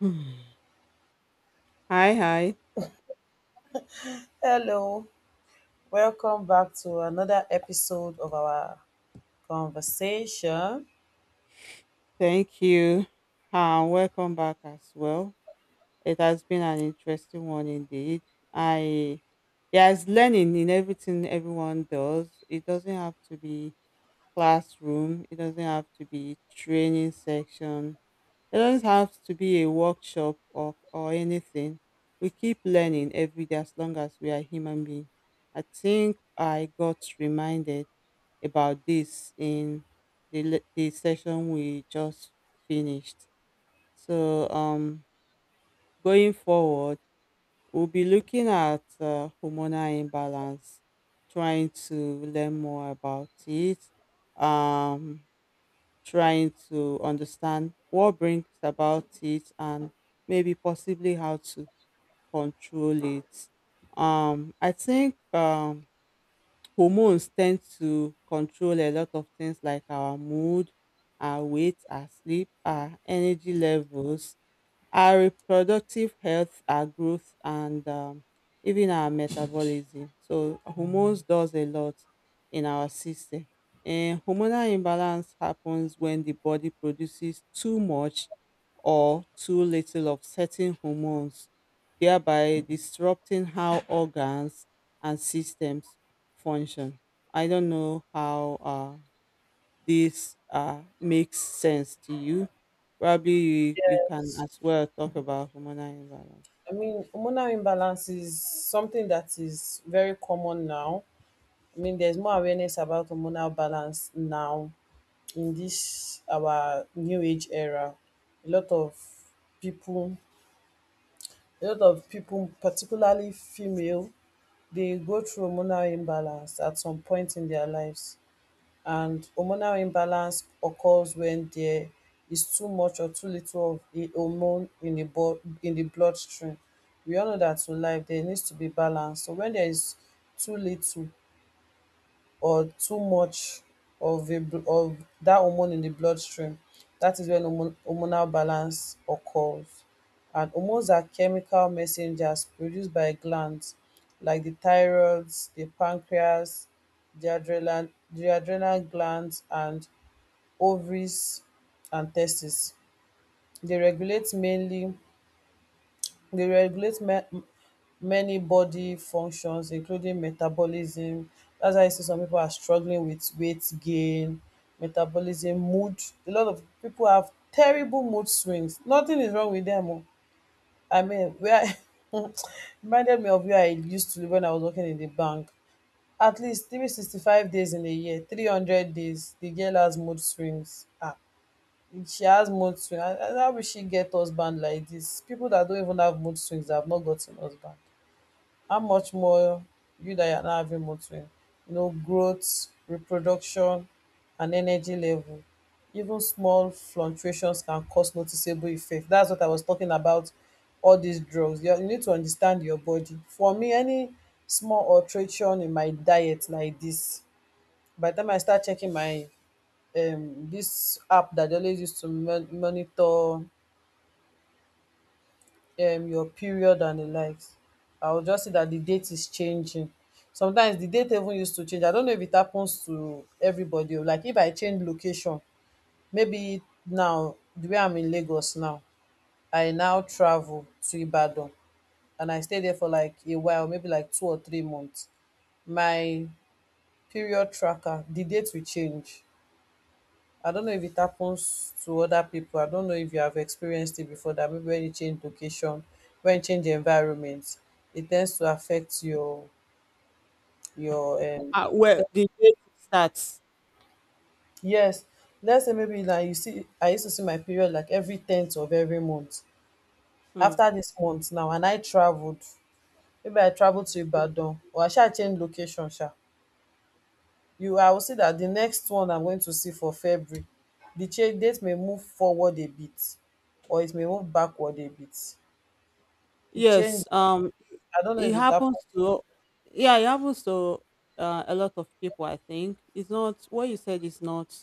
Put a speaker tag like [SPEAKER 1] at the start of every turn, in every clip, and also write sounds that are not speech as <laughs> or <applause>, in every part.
[SPEAKER 1] <sighs> Hmm. Hi, hi.
[SPEAKER 2] Hello, welcome back to another episode of our conversation.
[SPEAKER 1] Thank you. And welcome back as well. It has been an interesting one indeed. I There's learning in everything everyone does. It doesn't have to be classroom. It doesn't have to be training section. It doesn't have to be a workshop or anything. We keep learning every day as long as we are human beings. I think I got reminded about this in the session we just finished. So, going forward, we'll be looking at hormonal imbalance, trying to learn more about it, um, trying to understand what brings about it, and maybe possibly how to control it. I think hormones tend to control a lot of things like our mood, our weight, our sleep, our energy levels, our reproductive health, our growth, and even our metabolism. So hormones does a lot in our system. And hormonal imbalance happens when the body produces too much or too little of certain hormones, thereby disrupting how organs and systems function. I don't know how this makes sense to you. Probably you can
[SPEAKER 2] Yes,
[SPEAKER 1] as well talk about hormonal imbalance.
[SPEAKER 2] I mean, hormonal imbalance is something that is very common now. I mean, there's more awareness about hormonal balance now in this our new age era. A lot of people, a lot of people, particularly female, they go through hormonal imbalance at some point in their lives. And hormonal imbalance occurs when there is too much or too little of a hormone in the bloodstream. We all know that in life there needs to be balance, so when there is too little or too much of that hormone in the bloodstream, that is when hormonal balance occurs. And hormones are chemical messengers produced by glands like the thyroid, the pancreas, the adrenal glands, and ovaries and testes. They regulate mainly they regulate ma- m- many body functions, including metabolism. That's why you see some people are struggling with weight gain, metabolism, mood. A lot of people have terrible mood swings. Nothing is wrong with them. Oh, I mean, where <laughs> reminded me of where I used to live when I was working in the bank. At least 365 days in a year, 300 days, the girl has mood swings. Ah, she has mood swing. How will she get husband like this? People that don't even have mood swings have not gotten husband. How much more you that are not having mood swing? You know, growth, reproduction, and energy level. Even small fluctuations can cause noticeable effect. That's what I was talking about. All these drugs, you need to understand your body. For me, any small alteration in my diet like this, by the time I start checking my this app that they always use to monitor your period and the likes. I will just see that the date is changing. Sometimes the date even used to change. I don't know if it happens to everybody. Oh, like if I change location, maybe now the way I'm in Lagos now, I now travel to Ibadan and I stay there for like a while, maybe like 2 or 3 months. My period tracker, the date will change. I don't know if it happens to other people. I don't know if you have experienced it before, that maybe when you change location, when you change environment, it tends to affect your
[SPEAKER 1] Well,
[SPEAKER 2] te-
[SPEAKER 1] the date starts.
[SPEAKER 2] yes. Let's say maybe now you see I used to see my period like every tenth of every month.
[SPEAKER 1] Mm.
[SPEAKER 2] After this month now and I traveled, maybe I traveled
[SPEAKER 1] Mm.
[SPEAKER 2] to Ibadan or I shall change location, sha. You I will see that the next one I'm going to see for February, the change date may move forward a bit or it may move backward a bit. It
[SPEAKER 1] Yes,
[SPEAKER 2] changed. I don't know
[SPEAKER 1] it
[SPEAKER 2] if it happened
[SPEAKER 1] happens to, yeah, it happens to a lot of people. I think it's not what you said is not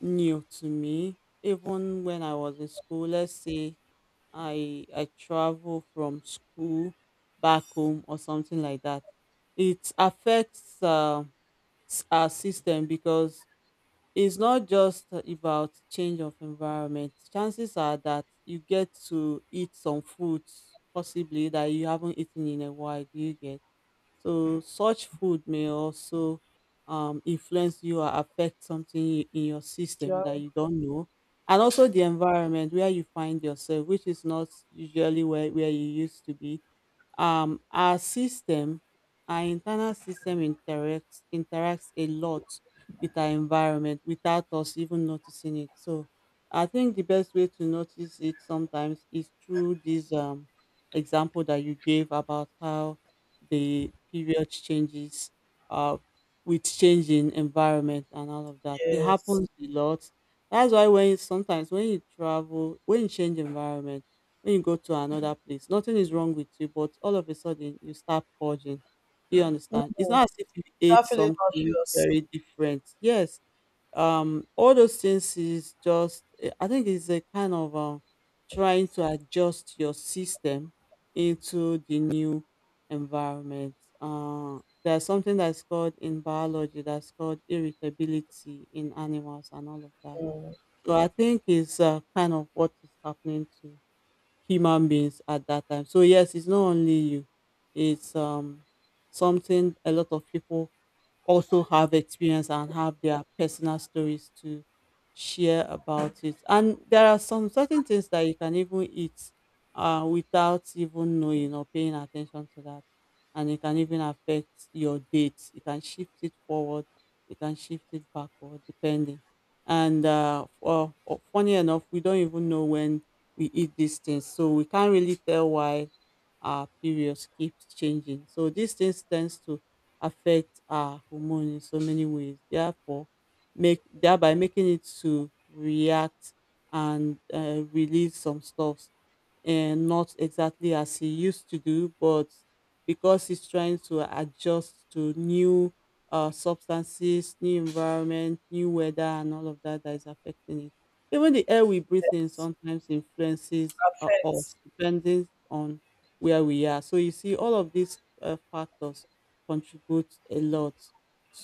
[SPEAKER 1] new to me. Even when I was in school, let's say I travel from school back home or something like that, it affects. Our system, because it's not just about change of environment. Chances are that you get to eat some foods possibly that you haven't eaten in a while. Do you get? So such food may also influence you or affect something in your
[SPEAKER 2] to
[SPEAKER 1] system that
[SPEAKER 2] you.
[SPEAKER 1] you don't know. And also the environment where you find yourself, which is not usually where you used to be. um our system our internal system interacts a lot with our environment without us even noticing it. So I think the best way to notice it sometimes is through this example that you gave, about how the period changes uh with changing environment and all of that. It
[SPEAKER 2] Yes.
[SPEAKER 1] happens a lot. That's why when you sometimes when you travel, when you change environment, when you go to another place, nothing is wrong with you, but all of a sudden you start purging. Do you
[SPEAKER 2] Mm,
[SPEAKER 1] understand? It's not as if you ate
[SPEAKER 2] start feeling
[SPEAKER 1] something
[SPEAKER 2] nauseous.
[SPEAKER 1] very different. Yes, all those things is just I think it's a kind of trying to adjust your system into the new environment. uh, there's something that's called irritability, in animals and all of that. So I think it's kind of what is happening to human beings at that time. So yes, it's not only you. It's something a lot of people also have experience and have their personal stories to share about. It. And there are some certain things that you can even eat without even knowing or paying attention to that. And it can even affect your date. You can shift it forward, you can shift it backward, depending. And funny enough, we don't even know when we eat these things. So we can't really tell why our periods keeps changing. So these things tends to affect our hormone in so many ways. Therefore, make thereby making it to react and release some stuff, and not exactly as he used to do, but because he's trying to adjust to new substances, new environment, new weather, and all of that that is affecting it. Even the air we breathe in
[SPEAKER 2] Yes.
[SPEAKER 1] sometimes influences
[SPEAKER 2] Affects.
[SPEAKER 1] us, depending on where we are. So you see, all of these factors contribute a lot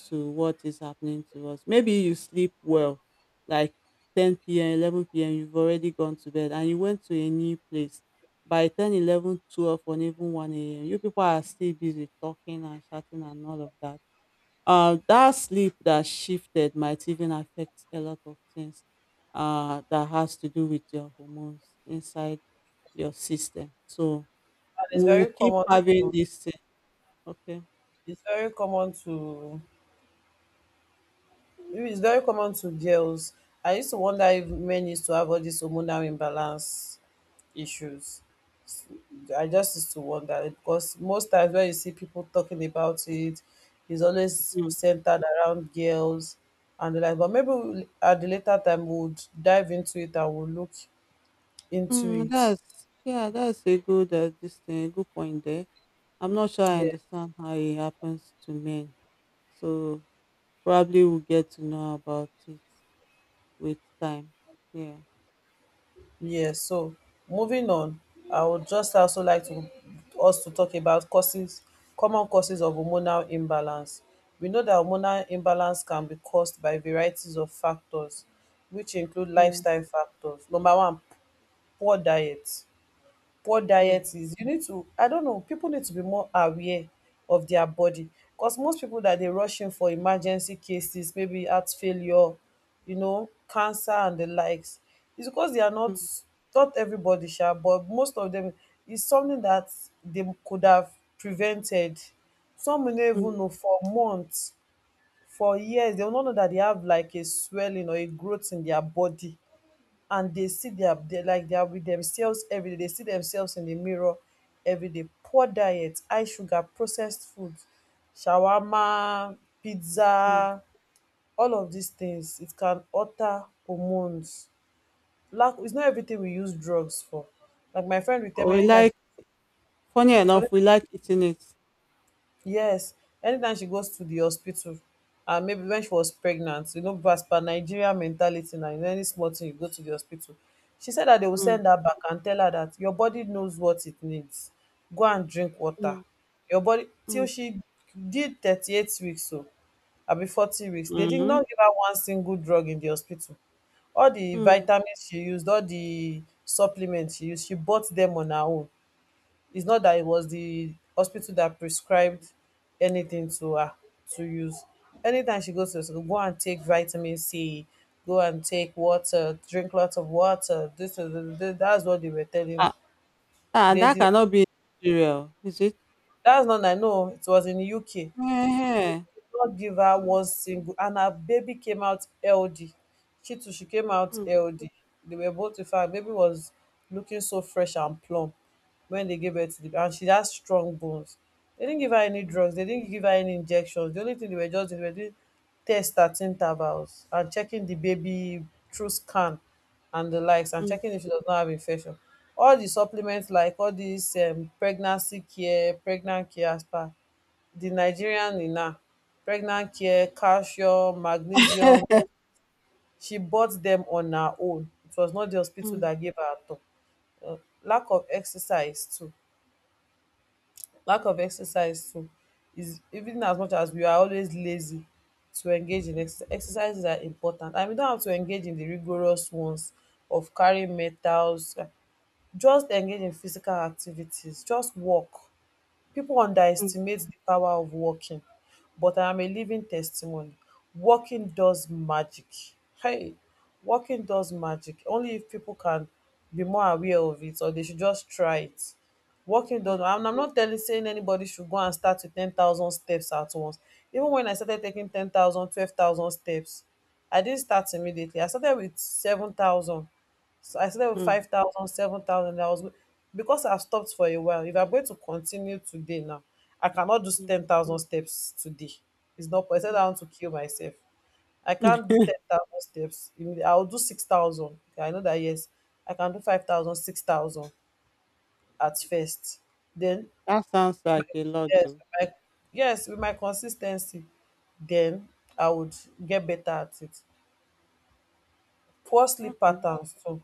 [SPEAKER 1] to what is happening to us. Maybe you sleep well, like 10 p.m., 11 p.m., you've already gone to bed, and you went to a new place by 10, 11, 12, or even 1 a.m. You people are still busy talking and chatting and all of that. That sleep that shifted might even affect a lot of things that has to do with your hormones inside your system. So
[SPEAKER 2] And it's
[SPEAKER 1] we'll
[SPEAKER 2] very
[SPEAKER 1] keep
[SPEAKER 2] common
[SPEAKER 1] having
[SPEAKER 2] to
[SPEAKER 1] this thing. Okay.
[SPEAKER 2] it's very common to It's very common to girls. I used to wonder if men used to have all these hormonal imbalance issues. I just used to wonder because most times when you see people talking about it, it's always
[SPEAKER 1] Mm.
[SPEAKER 2] centered around girls and the like. But maybe at the later time, we'll dive into it and we'll look into
[SPEAKER 1] Mm,
[SPEAKER 2] it.
[SPEAKER 1] that's yeah, that's a good a good point there. I'm not sure I
[SPEAKER 2] Yeah.
[SPEAKER 1] understand how it happens to men. So probably we'll get to know about it with time. Yeah.
[SPEAKER 2] Yeah, so moving on, I would just also like to us to talk about causes, common causes of hormonal imbalance. We know that hormonal imbalance can be caused by varieties of factors, which include
[SPEAKER 1] Mm,
[SPEAKER 2] lifestyle factors. Number one, poor diet. What
[SPEAKER 1] mm,
[SPEAKER 2] diet is, you need to, I don't know, people need to be more aware of their body, because most people that dey rush in for emergency cases, maybe heart failure, you know, cancer and the likes, it's because they are not,
[SPEAKER 1] mm,
[SPEAKER 2] not everybody sha, but most of them, it's something that they could have prevented. Some will no
[SPEAKER 1] mm,
[SPEAKER 2] even know for months, for years they will no know that they have like a swelling or a growth in their body, and dey see dia like dia wit demsefs everyday, dey see demsefs in di mirror everyday. Poor diet, high sugar, processed food, shawarma,
[SPEAKER 1] mm.
[SPEAKER 2] pizza, all of dis tins, it can alter hormones. It's not everytin we use drugs for. Like my friend will
[SPEAKER 1] But
[SPEAKER 2] tell me
[SPEAKER 1] we
[SPEAKER 2] anytime
[SPEAKER 1] like, Funny
[SPEAKER 2] she,
[SPEAKER 1] enough, we like eating it.
[SPEAKER 2] yes, anytime she goes to di hospital, and maybe wen she was pregnant, you know, as per Nigeria mentality, na any small tin you go to di hospital, she said dat dem will
[SPEAKER 1] Mm,
[SPEAKER 2] send her back and tell her dat your body knows what it needs, go and drink water.
[SPEAKER 1] mm,
[SPEAKER 2] Your body,
[SPEAKER 1] mm,
[SPEAKER 2] till she did 38 weeks o, abi 40 weeks, dey did
[SPEAKER 1] mm,
[SPEAKER 2] not give her one single drug in di hospital. All di
[SPEAKER 1] mm.
[SPEAKER 2] vitamins she used, all di supplements she use, she bought dem on her own. It's not that it was the hospital that prescribed anything to her to use. Anytime she goes to the hospital, go and take vitamin C, go and take water, drink lots of water. That's what they were telling
[SPEAKER 1] Ah,
[SPEAKER 2] her.
[SPEAKER 1] ah,
[SPEAKER 2] They
[SPEAKER 1] that
[SPEAKER 2] did.
[SPEAKER 1] cannot be cereal, is it?
[SPEAKER 2] That's not I know. It was in the UK.
[SPEAKER 1] Yeah.
[SPEAKER 2] Lawgiver was single and her baby came out healthy. She too, she came out
[SPEAKER 1] Mm,
[SPEAKER 2] healthy. They were both, in fact, baby was looking so fresh and plump when they gave birth to the baby, and she had strong bones. They didn't give her any drugs, they didn't give her any injections. The only thing they were just doing, they were doing tests at intervals and checking the baby through scan and the likes, and
[SPEAKER 1] mm.
[SPEAKER 2] checking if she does not have infection. All the supplements, like all these pregnancy care, pregnant care, as per di Nigerian nina, pregnacare, calcium, magnesium,
[SPEAKER 1] <laughs>
[SPEAKER 2] she bought dem on her own. It was not di
[SPEAKER 1] Mm,
[SPEAKER 2] hospital
[SPEAKER 1] mm,
[SPEAKER 2] dat gave her at all. Uh, Lack of exercise too lack of exercise too is, even as much as we are always lazy to engage in exercise, exercises are important, and we don't have to engage in di rigorous ones of carrying metals. Just engage in physical activities, just walk. People underestimate the power of walking, but I am a living testimony. Walking does magic. Hey, walking does magic. Only if people can be more aware of it, or they should just try it. Walking does,
[SPEAKER 1] mm,
[SPEAKER 2] and I'm not telling saying anybody should go and start with 10,000 steps at once. Even when I started taking 10,000, 12,000 steps, I didn't start immediately. I started with 7,000. So I started with
[SPEAKER 1] mm, mm,
[SPEAKER 2] 5,000. I was go- because I've stopped for a while, if I'm going to continue today now, I cannot do
[SPEAKER 1] mm.
[SPEAKER 2] 10,000 steps today. It's not possible. I
[SPEAKER 1] <laughs>
[SPEAKER 2] want to kill myself. I can't do 10,000 steps. I'll do 6,000. Okay, I know that, yes, I can do 5,000, 6,000 at first. Then,
[SPEAKER 1] That sounds like a lot,
[SPEAKER 2] yes,
[SPEAKER 1] though.
[SPEAKER 2] with my, yes, with my consistency, then I would get better at it. Poor sleep
[SPEAKER 1] Okay.
[SPEAKER 2] patterns too.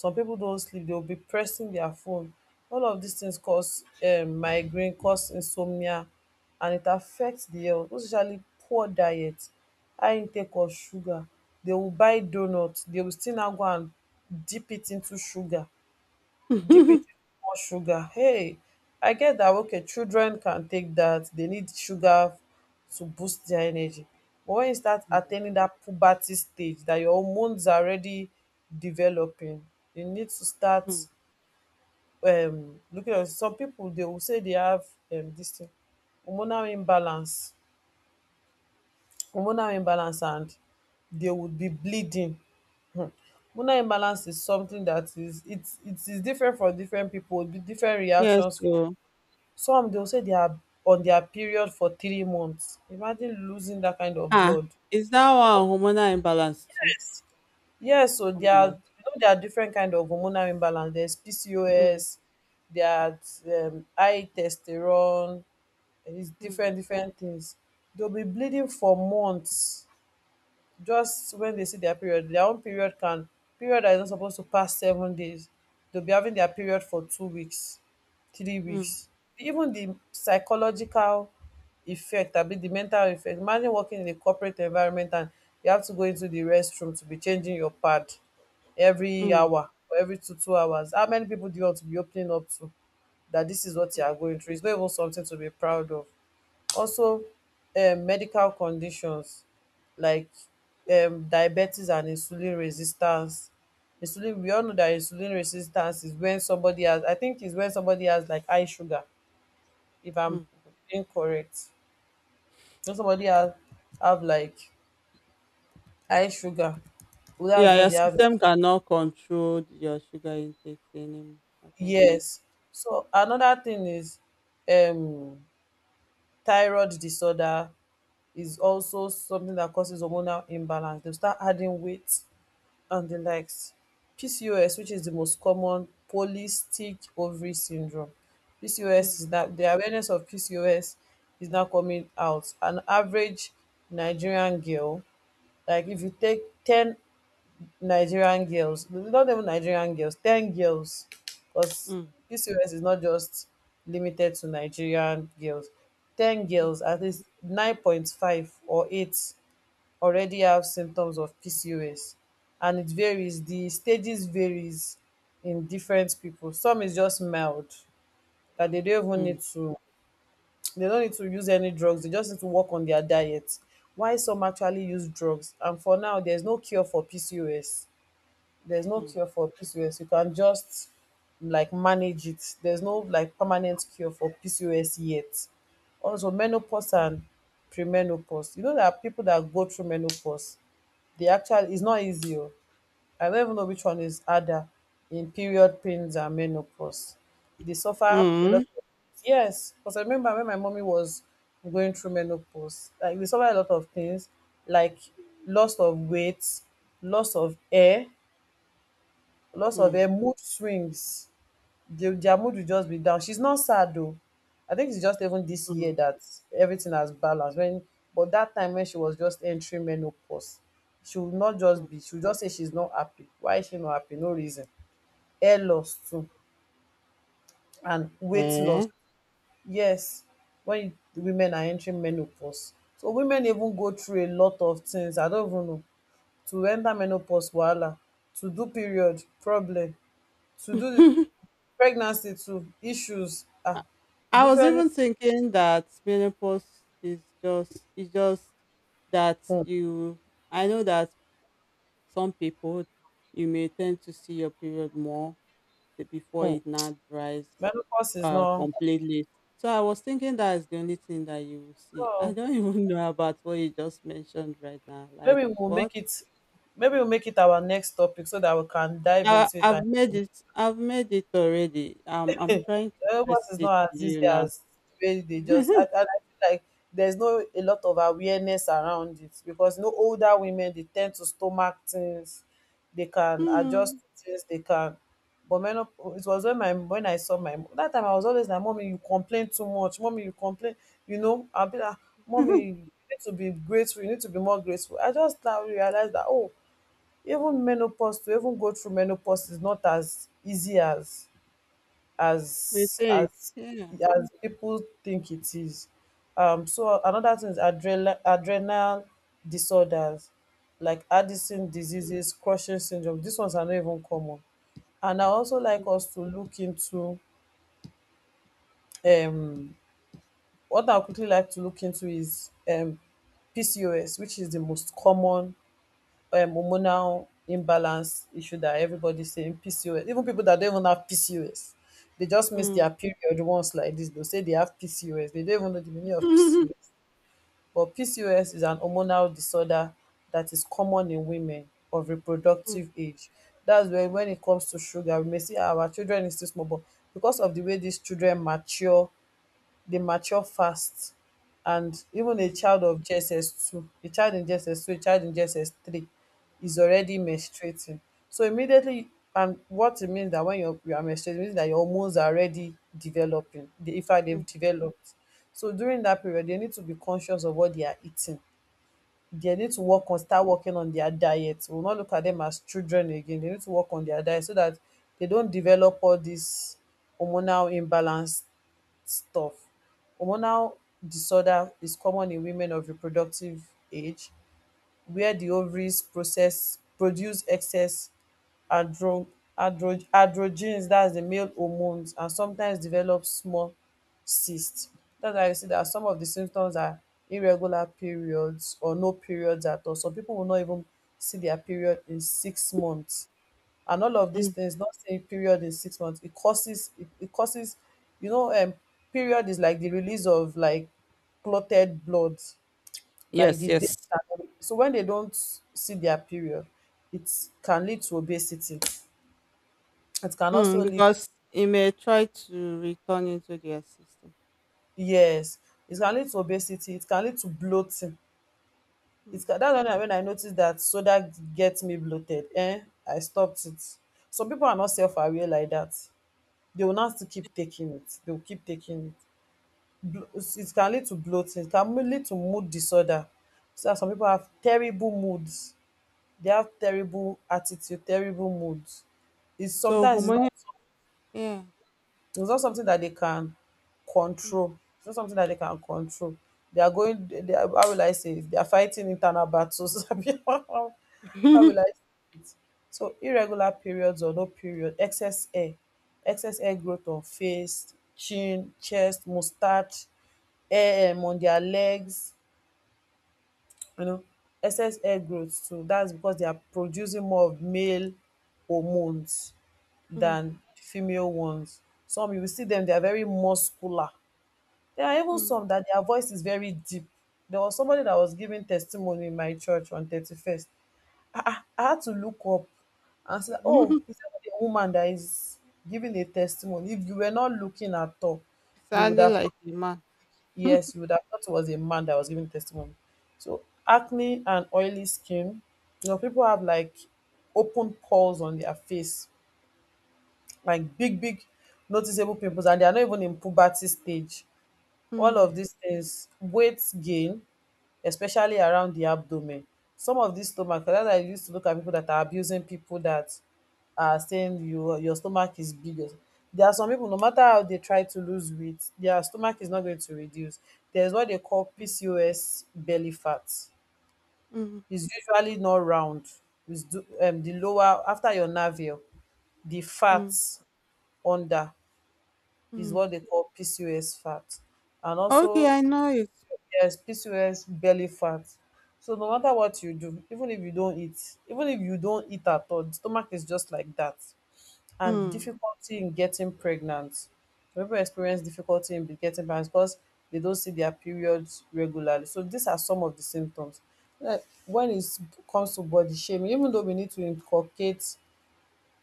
[SPEAKER 2] Some people don't sleep, they will be pressing their phone. All of these things cause migraine, cause insomnia, and it affects the health. Most especially poor diet, high intake of sugar, they will buy doughnut, they will still now go and dip it into sugar, DPT
[SPEAKER 1] <laughs>
[SPEAKER 2] more sugar. Hey, I get that. Okay, children can take that. They need sugar to boost their energy. But when you start
[SPEAKER 1] Mm,
[SPEAKER 2] attaining that puberty stage, that your hormones are already developing, you need to start
[SPEAKER 1] mm.
[SPEAKER 2] looking at, some people they will say they have this thing, hormonal imbalance hormonal imbalance, and they would be bleeding. Hormonal imbalance is something that is it's it is different for different people, be different
[SPEAKER 1] Yes,
[SPEAKER 2] reactions.
[SPEAKER 1] so
[SPEAKER 2] Some they will say they are on their period for 3 months. Imagine losing that kind of
[SPEAKER 1] ah,
[SPEAKER 2] blood.
[SPEAKER 1] is that one hormonal imbalance too?
[SPEAKER 2] Yes, so
[SPEAKER 1] Oh
[SPEAKER 2] there are,
[SPEAKER 1] my.
[SPEAKER 2] you know, there are different kind of hormonal imbalance. There's
[SPEAKER 1] Mm.
[SPEAKER 2] PCOS, there's high testosterone, and it's
[SPEAKER 1] Mm,
[SPEAKER 2] different different things. They'll be bleeding for months. Just when they see their period, their own period can— period that is not supposed to pass 7 days, they'll be having their period for 2 weeks, three
[SPEAKER 1] mm,
[SPEAKER 2] weeks Even the psychological effect, I mean, the mental effect. Imagine working in a corporate environment and you have to go into the restroom to be changing your pad every
[SPEAKER 1] mm,
[SPEAKER 2] hour or every two hours. How many people do you want to be opening up to that this is what you
[SPEAKER 1] mm,
[SPEAKER 2] are going through? It's not even something to be proud of. Also, medical conditions like, diabetes and insulin resistance. Insulin, we all know that insulin resistance is when somebody has— I think is when somebody has like high sugar, if I'm
[SPEAKER 1] mm.
[SPEAKER 2] incorrect. When somebody has— have like high sugar, well, that's
[SPEAKER 1] Yeah,
[SPEAKER 2] when
[SPEAKER 1] your
[SPEAKER 2] they have—
[SPEAKER 1] system cannot control your sugar intake anymore. I think so.
[SPEAKER 2] yes. So another thing is um thyroid disorder is also something that causes hormonal imbalance. They start adding weight and the likes. PCOS, which is the most common, polycystic ovary syndrome.
[SPEAKER 1] Mm,
[SPEAKER 2] PCOS, is that the awareness of PCOS is now coming out. An average Nigerian girl, like if you take 10 Nigerian girls, not even Nigerian girls, 10 girls, because
[SPEAKER 1] mm,
[SPEAKER 2] PCOS is not just limited to Nigerian girls. 10 girls, at least 9.5 or 8 already have symptoms of pcos, and it varies. The stages varies in different people. Some is just mild that they don't even
[SPEAKER 1] mm,
[SPEAKER 2] need to— they don't need to use any drugs, they just need to work on their diet. Why some actually use drugs. And for now there's no cure for pcos, there's no
[SPEAKER 1] mm,
[SPEAKER 2] cure for pcos. You can just like manage it. There's no like permanent cure for pcos yet. Also menopause and premenopause, you know there are people that go through menopause. The actual is not easy. Oh. I don't even know which one is harder in period pains and menopause. They suffer a
[SPEAKER 1] mm,
[SPEAKER 2] lot. Yes, because I remember when my mommy was going through menopause, like they suffer a lot of things, like loss of weight, loss of air, loss of
[SPEAKER 1] mm,
[SPEAKER 2] air, mood swings. They, their mood will just be down. She's not sad though. I think it's just even this
[SPEAKER 1] mm,
[SPEAKER 2] year that everything has balanced. When— but that time when she was just entering menopause, she would not just
[SPEAKER 1] mm.
[SPEAKER 2] be. She would just say she's not happy. Why is she not happy? No reason. Hair loss too and weight loss.
[SPEAKER 1] Eh?
[SPEAKER 2] Yes, when women are entering menopause, so women even go through a lot of things. I don't even know— to enter menopause wahala, to do period problem, to do pregnancy too issues.
[SPEAKER 1] I
[SPEAKER 2] Ah,
[SPEAKER 1] I was
[SPEAKER 2] different.
[SPEAKER 1] even thinking that menopause is just it's just that
[SPEAKER 2] um
[SPEAKER 1] you — I know that some people you may tend to see your period more before it now dries
[SPEAKER 2] menopause is not—
[SPEAKER 1] completely. So I was thinking that is the only thing that you will see. I
[SPEAKER 2] oh,
[SPEAKER 1] don't <laughs> even know about what you just mentioned right now. Like
[SPEAKER 2] maybe we'll
[SPEAKER 1] what?
[SPEAKER 2] make it maybe we'll make it our next topic so that we can dive
[SPEAKER 1] I,
[SPEAKER 2] into it.
[SPEAKER 1] I've
[SPEAKER 2] And
[SPEAKER 1] made it. I've made it already.
[SPEAKER 2] <laughs>
[SPEAKER 1] I'm trying to
[SPEAKER 2] helpers
[SPEAKER 1] test
[SPEAKER 2] is
[SPEAKER 1] it
[SPEAKER 2] not
[SPEAKER 1] to
[SPEAKER 2] as easy
[SPEAKER 1] you now.
[SPEAKER 2] as the way they just—
[SPEAKER 1] <laughs>
[SPEAKER 2] and I feel like there's no a lot of awareness around it, because no, older women they tend to stomach things, they can
[SPEAKER 1] Hmm.
[SPEAKER 2] adjust to things, they can— but men— it was when my— when I saw my— that time I was always like, mommy you complain too much, mommy you complain. You know, I'll be like, mommy
[SPEAKER 1] <laughs>
[SPEAKER 2] you need to be grateful, you need to be more grateful. I just now realized that, oh, even menopause— to even go through menopause is not as easy as
[SPEAKER 1] We
[SPEAKER 2] as
[SPEAKER 1] think.
[SPEAKER 2] as
[SPEAKER 1] Yeah.
[SPEAKER 2] as people think it is. So another thing is adrenal disorders, like
[SPEAKER 1] Mm,
[SPEAKER 2] Addison diseases, crushing syndrome. These ones are not even common. And I also like us to look into, um what I quickly like to look into is, PCOS, which is the most common hormonal imbalance issue that everybody's saying PCOS. Even people that don't even have PCOS, they just miss
[SPEAKER 1] mm.
[SPEAKER 2] their period once like this. They'll say they have PCOS. They don't even know the meaning of
[SPEAKER 1] <laughs>
[SPEAKER 2] PCOS. But PCOS is an hormonal disorder that is common in women of
[SPEAKER 1] Mm,
[SPEAKER 2] reproductive age. That's where— when it comes to sugar, we may see our children is too small, but because of the way these children mature, dey mature fast, and even a
[SPEAKER 1] mm,
[SPEAKER 2] child of GSS two, a child in GSS two, a child in GSS three is
[SPEAKER 1] mm,
[SPEAKER 2] already menstruating. So immediately— and what it means that when you are menstruating, it means that your hormones are already developing. They, in fact,
[SPEAKER 1] mm,
[SPEAKER 2] they've developed. So during that period, they need to be conscious of what they are eating. They need to work on— start working on their diet. We'll not look at them as children again. They need to work on their diet so that they don't develop all this hormonal imbalance stuff. Hormonal disorder is common in women of reproductive age where the ovaries process produce excess andro androgens that's the male hormones, and sometimes develop small cyst. That's why you see that some of the symptoms are irregular periods or no periods at all. Some people will not even see their period in 6 months. And all of these
[SPEAKER 1] mm.
[SPEAKER 2] things— not saying period is 6 months— it causes— it causes you know, period is like the release of like clotted blood, like
[SPEAKER 1] Yes,
[SPEAKER 2] the death.
[SPEAKER 1] yes.
[SPEAKER 2] And so when they don't see their period, it can lead to obesity, it can
[SPEAKER 1] Mm,
[SPEAKER 2] also lead—
[SPEAKER 1] because it may try to return into their system.
[SPEAKER 2] yes, it can lead to obesity, it can lead to bloating. It
[SPEAKER 1] Mm.
[SPEAKER 2] can— that's when I noticed that soda gets me bloated, eh, I stopped it. Some people are not self-aware like that. They will not— still keep taking it, they will keep taking it. blo- it can lead to bloating, it can lead to mood disorder. See as some pipu have terrible moods, dey have terrible attitude, terrible moods. It's—
[SPEAKER 1] So
[SPEAKER 2] sometimes it's
[SPEAKER 1] hormonal.
[SPEAKER 2] not—
[SPEAKER 1] Yeah.
[SPEAKER 2] it's not something that they can control. It's not something that they can control. They are going. They are— how will I say it? They are fighting internal battles. <laughs> Abi, how— how will I
[SPEAKER 1] <laughs>
[SPEAKER 2] say it? So irregular periods or no period, excess hair growth on face, chin, chest, mustache, hair, on their legs, you know, excess hair growth too. That's because they are producing more of male hormones
[SPEAKER 1] Mm,
[SPEAKER 2] than female ones. Some you will see them, they are very muscular. There are even
[SPEAKER 1] mm.
[SPEAKER 2] some that their voice is very deep. There was somebody that was giving testimony in my church on 31st. I, I had to look up and say, oh,
[SPEAKER 1] <laughs>
[SPEAKER 2] is that a woman that is giving a testimony? If you were not looking at all, you would
[SPEAKER 1] Sounded
[SPEAKER 2] have—
[SPEAKER 1] like a man.
[SPEAKER 2] yes, you would have thought it was a man that was giving testimony. So acne and oily skin, you know, people have like open pores on their face, like big, big noticeable pimples, and they are not even in puberty stage. All
[SPEAKER 1] Mm,
[SPEAKER 2] of these things, weight gain, especially around the abdomen. Some of these stomach, that I used to look at people that are abusing people that are saying you, your stomach is big. There are some people, no matter how they try to lose weight, their stomach is not going to reduce. There's what they call
[SPEAKER 1] mm,
[SPEAKER 2] PCOS belly fat.
[SPEAKER 1] mm,
[SPEAKER 2] It's usually not round. It's do, the lower, after your navel, the fat
[SPEAKER 1] mm,
[SPEAKER 2] under is
[SPEAKER 1] mm.
[SPEAKER 2] what they call PCOS fat. And
[SPEAKER 1] Okay,
[SPEAKER 2] also—
[SPEAKER 1] I know it.
[SPEAKER 2] yes, PCOS belly fat. So no matter what you do, even if you don't eat, even if you don't eat at all, the stomach is just like that. And
[SPEAKER 1] Mm,
[SPEAKER 2] difficulty in getting pregnant. People experience difficulty in getting pregnant because they don't see their periods regularly. So these are some of the symptoms. Like, when it comes to body shaming, even though we need to inculcate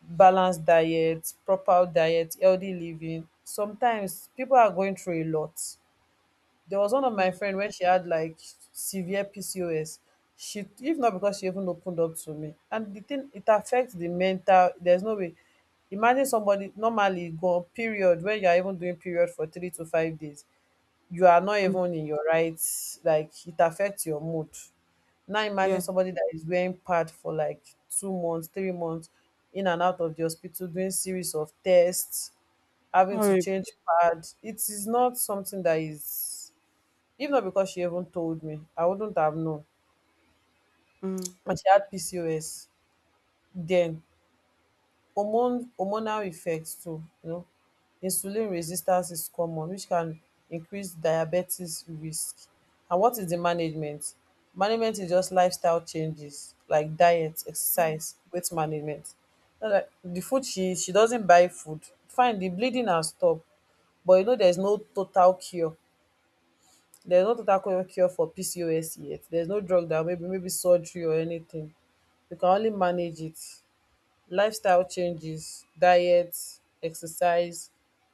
[SPEAKER 2] balanced diet, proper diet, healthy living, sometimes people are going through a lot. There was one of my
[SPEAKER 1] mm,
[SPEAKER 2] friend when she had like severe PCOS. She, if not because she even opened up to me— and the thing, it affects the mental. There's no way. Imagine somebody normally go on period— when you are even doing period for 3 to 5 days, you are not
[SPEAKER 1] mm.
[SPEAKER 2] even in your right. Like it affects your mood. Now imagine
[SPEAKER 1] Yeah,
[SPEAKER 2] somebody that is wearing pad for like 2 months, 3 months, in and out of the hospital, doing series of tests, having to
[SPEAKER 1] horrible.
[SPEAKER 2] change pad. It is not something that is— if not because she even told me, I wouldn't have known.
[SPEAKER 1] Mm,
[SPEAKER 2] And she had PCOS. Then hormone hormonal effects too, you know. Insulin resistance is common, which can increase diabetes risk. And what is the management? Management is just lifestyle changes like diet,
[SPEAKER 1] mm,
[SPEAKER 2] exercise, weight management. Not like— the food she doesn't buy food. Fine, the bleeding has stopped, but you know there's no total cure. There's no total cure for PCOS yet. There's no drug that— maybe, maybe surgery or anything. You can only manage it. Lifestyle changes, diet, exercise,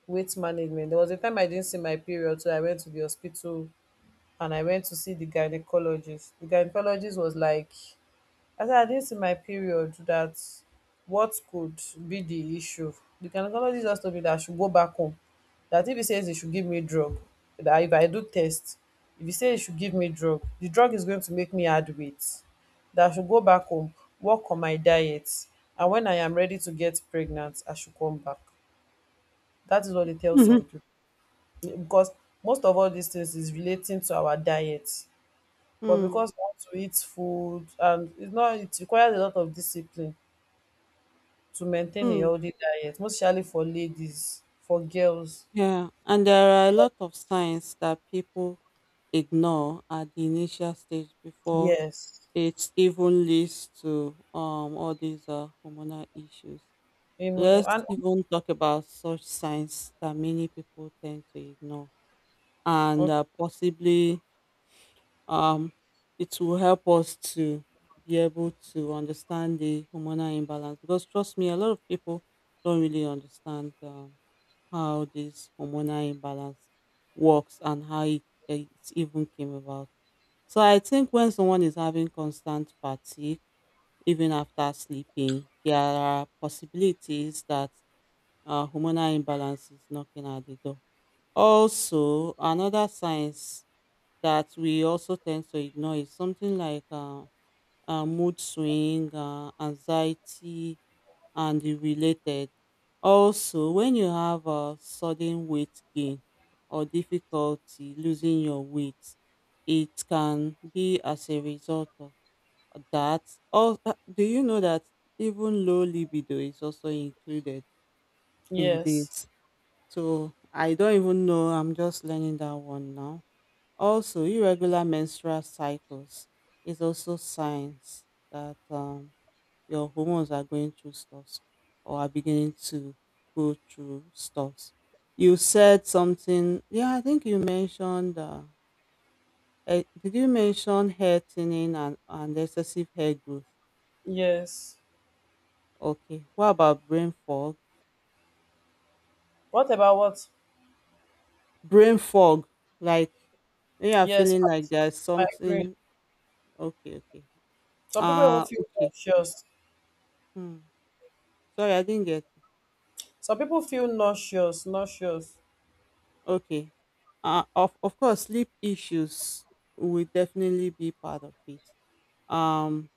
[SPEAKER 2] weight management. There was a time I didn't see my period, so I went to the hospital and I went to see the gynecologist. The gynecologist was like— I said I didn't see my period, that what could be the issue. The gynecologist just told me that I should go back home. That if he says he should give me drug, that if I do test, if he says he should give me drug, the drug is going to make me add weight. That I should go back home, work on my diet, and when I am ready to get pregnant, I should come back. That is what they tell
[SPEAKER 1] mhm,
[SPEAKER 2] some people. Because most of all these things is relating to our diet. But
[SPEAKER 1] mm,
[SPEAKER 2] because we want to eat food, and it's not— it requires a lot of discipline to maintain a
[SPEAKER 1] mm.
[SPEAKER 2] healthy diet, mostly for ladies, for girls.
[SPEAKER 1] Yeah, and there are a lot of signs that people ignore at the initial stage before
[SPEAKER 2] Yes.
[SPEAKER 1] it even leads to all these hormonal issues.
[SPEAKER 2] Um,
[SPEAKER 1] Let's
[SPEAKER 2] and
[SPEAKER 1] even talk about such signs that many people tend to ignore, and
[SPEAKER 2] okay.
[SPEAKER 1] possibly um, it will help us to be able to understand the hormonal imbalance, because trust me, a lot of people don't really understand how this hormonal imbalance works and how it even came about. So I think when someone is having constant fatigue even after sleeping, there are possibilities that hormonal imbalance is knocking at the door. Also, another signs that we also tend to ignore is something like mood swing, anxiety, and the related. Also, when you have a sudden weight gain or difficulty losing your weight, it can be as a result of that. Or do you know that even low libido is also included in
[SPEAKER 2] Yes,
[SPEAKER 1] this? So I don't even know. I'm just learning that one now. Also, irregular menstrual cycles is also signs that your hormones are going through stuffs, or are beginning to go through stuffs. You said something. Yeah, I think you mentioned. Did you mention hair thinning and, excessive hair growth?
[SPEAKER 2] yes.
[SPEAKER 1] Okay. What about brain fog?
[SPEAKER 2] What about what?
[SPEAKER 1] Brain fog, like when you are
[SPEAKER 2] Yes,
[SPEAKER 1] feeling like there's
[SPEAKER 2] I agree.
[SPEAKER 1] something. Okay, okay.
[SPEAKER 2] Some people even feel
[SPEAKER 1] Okay.
[SPEAKER 2] nauseous.
[SPEAKER 1] Hmm. Sorry, I didn't get.
[SPEAKER 2] Some people feel nauseous, nauseous.
[SPEAKER 1] Okay. Of course, sleep issues will definitely be part of it. Um,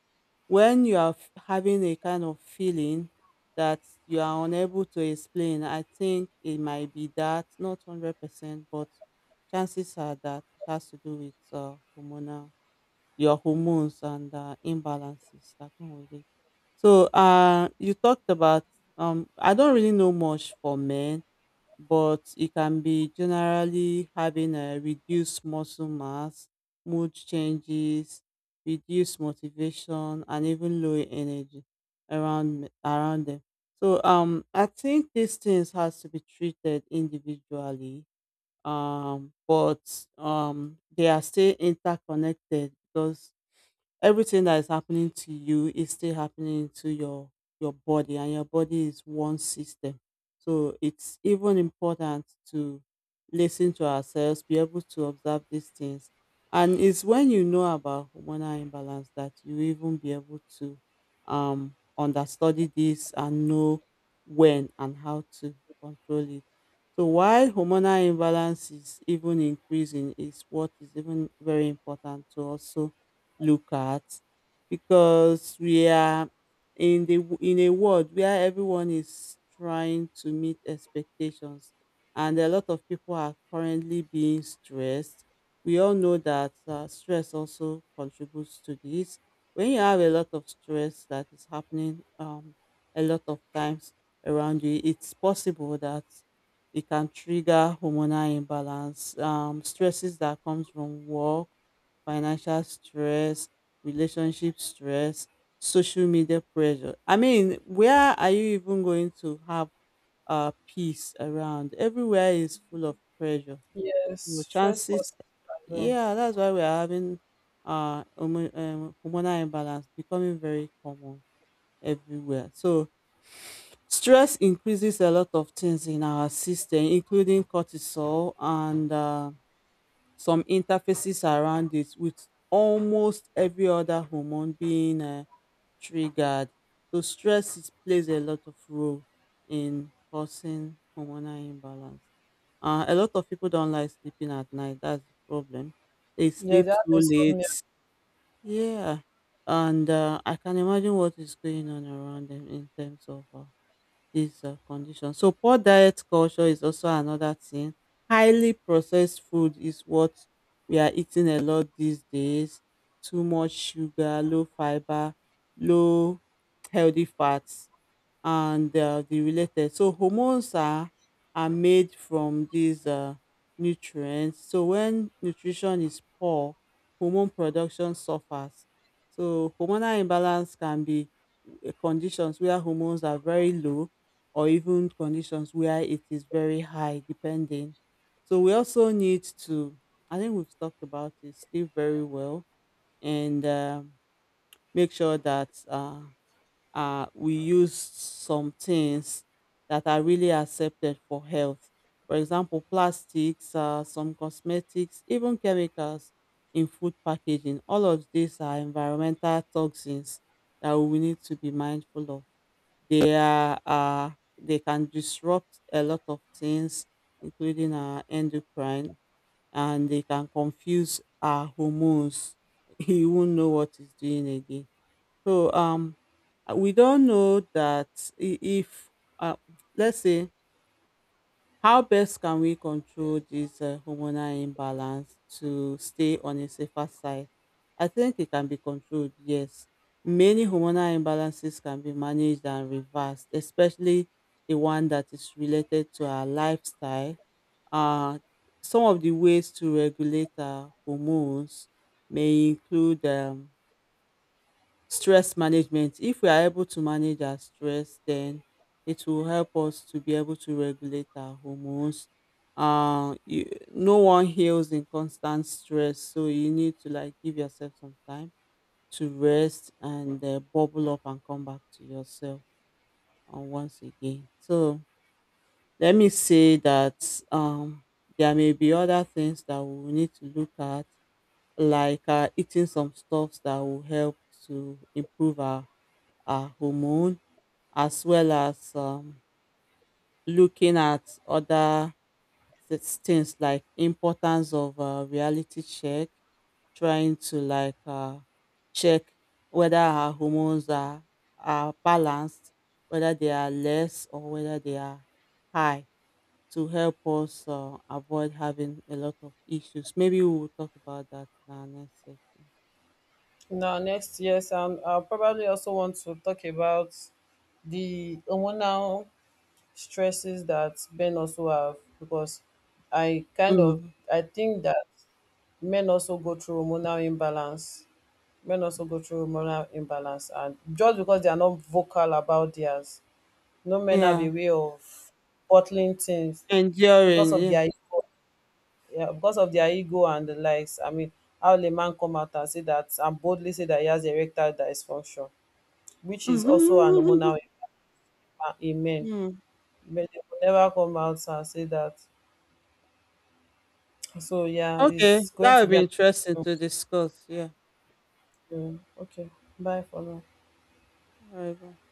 [SPEAKER 1] when you are having a kind of feeling that you are unable to explain, I think it might be that not 100%, but chances are that it has to do with hormonal your hormones and imbalances that come with it. So, you talked about I don't really know much for men, but it can be generally having a reduced muscle mass, mood changes, reduced motivation, and even low energy around them. So I think these things has to be treated individually, but they are still interconnected, because everything that is happening to you is still happening to your body, and your body is one system. So it's even important to listen to ourselves, be able to observe these things. And it's when you know about hormonal imbalance that you even be able to understudy this and know when and how to control it. So why hormonal imbalance is even increasing is what is even very important to also look at, because we are in a world where everyone is trying to meet expectations, and a lot of people are currently being stressed. We all know that stress also contributes to this. When you have a lot of stress that is happening, a lot of times around you, it's possible that it can trigger hormonal imbalance. Stresses that comes from work, financial stress, relationship stress, social media pressure — I mean, where are you even going to have peace around? Everywhere is full of pressure.
[SPEAKER 2] Yes,
[SPEAKER 1] You
[SPEAKER 2] stress causes
[SPEAKER 1] chances.
[SPEAKER 2] it as well.
[SPEAKER 1] Yeah, that's why we are having hormonal imbalance becoming very common everywhere. So stress increases a lot of things in our system, including cortisol and some interfaces around it, with almost every other hormone being triggered. So plays a lot of role in causing hormonal imbalance. A lot of people don't like sleeping at night. That's the problem. They
[SPEAKER 2] Yes,
[SPEAKER 1] sleep
[SPEAKER 2] they have
[SPEAKER 1] too
[SPEAKER 2] insomnia.
[SPEAKER 1] late. Yeah, and I can imagine what is going on around them in terms of these condition. So poor diet culture is also another thing. Highly processed food is what we are eating a lot these days. Too much sugar, low fiber, low healthy fats, and the related. So hormones are made from these nutrients. So when nutrition is poor, hormone production suffers. So hormonal imbalance can be conditions where hormones are very low, or even conditions where it is very high, depending. So we also need to, I think we've talked about it, sleep very well, and make sure that we use some things that are really accepted for health. For example, plastics, some cosmetics, even chemicals in food packaging. All of these are environmental toxins that we need to be mindful of. They are uh, they can disrupt a lot of things, including our endocrine, and they can confuse our hormones. <laughs> You won't know what is doing again. So we don't know that if uh, let's say, how best can we control this hormonal imbalance to stay on a safer side? I think it can be controlled, yes. Many hormonal imbalances can be managed and reversed, especially the one that is related to our lifestyle. Uh, some of the ways to regulate our hormones may include stress management. If we are able to manage our stress, then it will help us to be able to regulate our hormones. No one heals in constant stress, so you need to like give yourself some time to rest and bubble up and come back to yourself once again. So let me say that there may be other things that we will need to look at, like eating some stuffs that will help to improve our hormone, as well as looking at other things like importance of reality check, trying to like check whether our hormones are balanced, whether they are less or whether they are high, to help us avoid having a lot of issues. Maybe we will talk about that in our next session.
[SPEAKER 2] Now, next, yes, and I probably also want to talk about the hormonal stresses that men also have, because I kind of—
[SPEAKER 1] Mm,
[SPEAKER 2] I think that men also go through hormonal imbalance. Men also go through hormonal imbalance, and just because they are not vocal about theirs— no, men have
[SPEAKER 1] yeah,
[SPEAKER 2] a way of bottling things because of
[SPEAKER 1] enduring,
[SPEAKER 2] their ego. Yeah, because of their ego and the likes. I mean, how will a man come out and say that, and boldly say that he has erectile dysfunction, which is also an hormonal— in men.
[SPEAKER 1] yeah. <laughs>
[SPEAKER 2] Men, they will never come out and say that. So yeah,
[SPEAKER 1] Okay,
[SPEAKER 2] it's going
[SPEAKER 1] that
[SPEAKER 2] to
[SPEAKER 1] would
[SPEAKER 2] be
[SPEAKER 1] be
[SPEAKER 2] an—
[SPEAKER 1] interesting to discuss. Yeah.
[SPEAKER 2] yeah. Okay. Bye for now.
[SPEAKER 1] All right. Bye.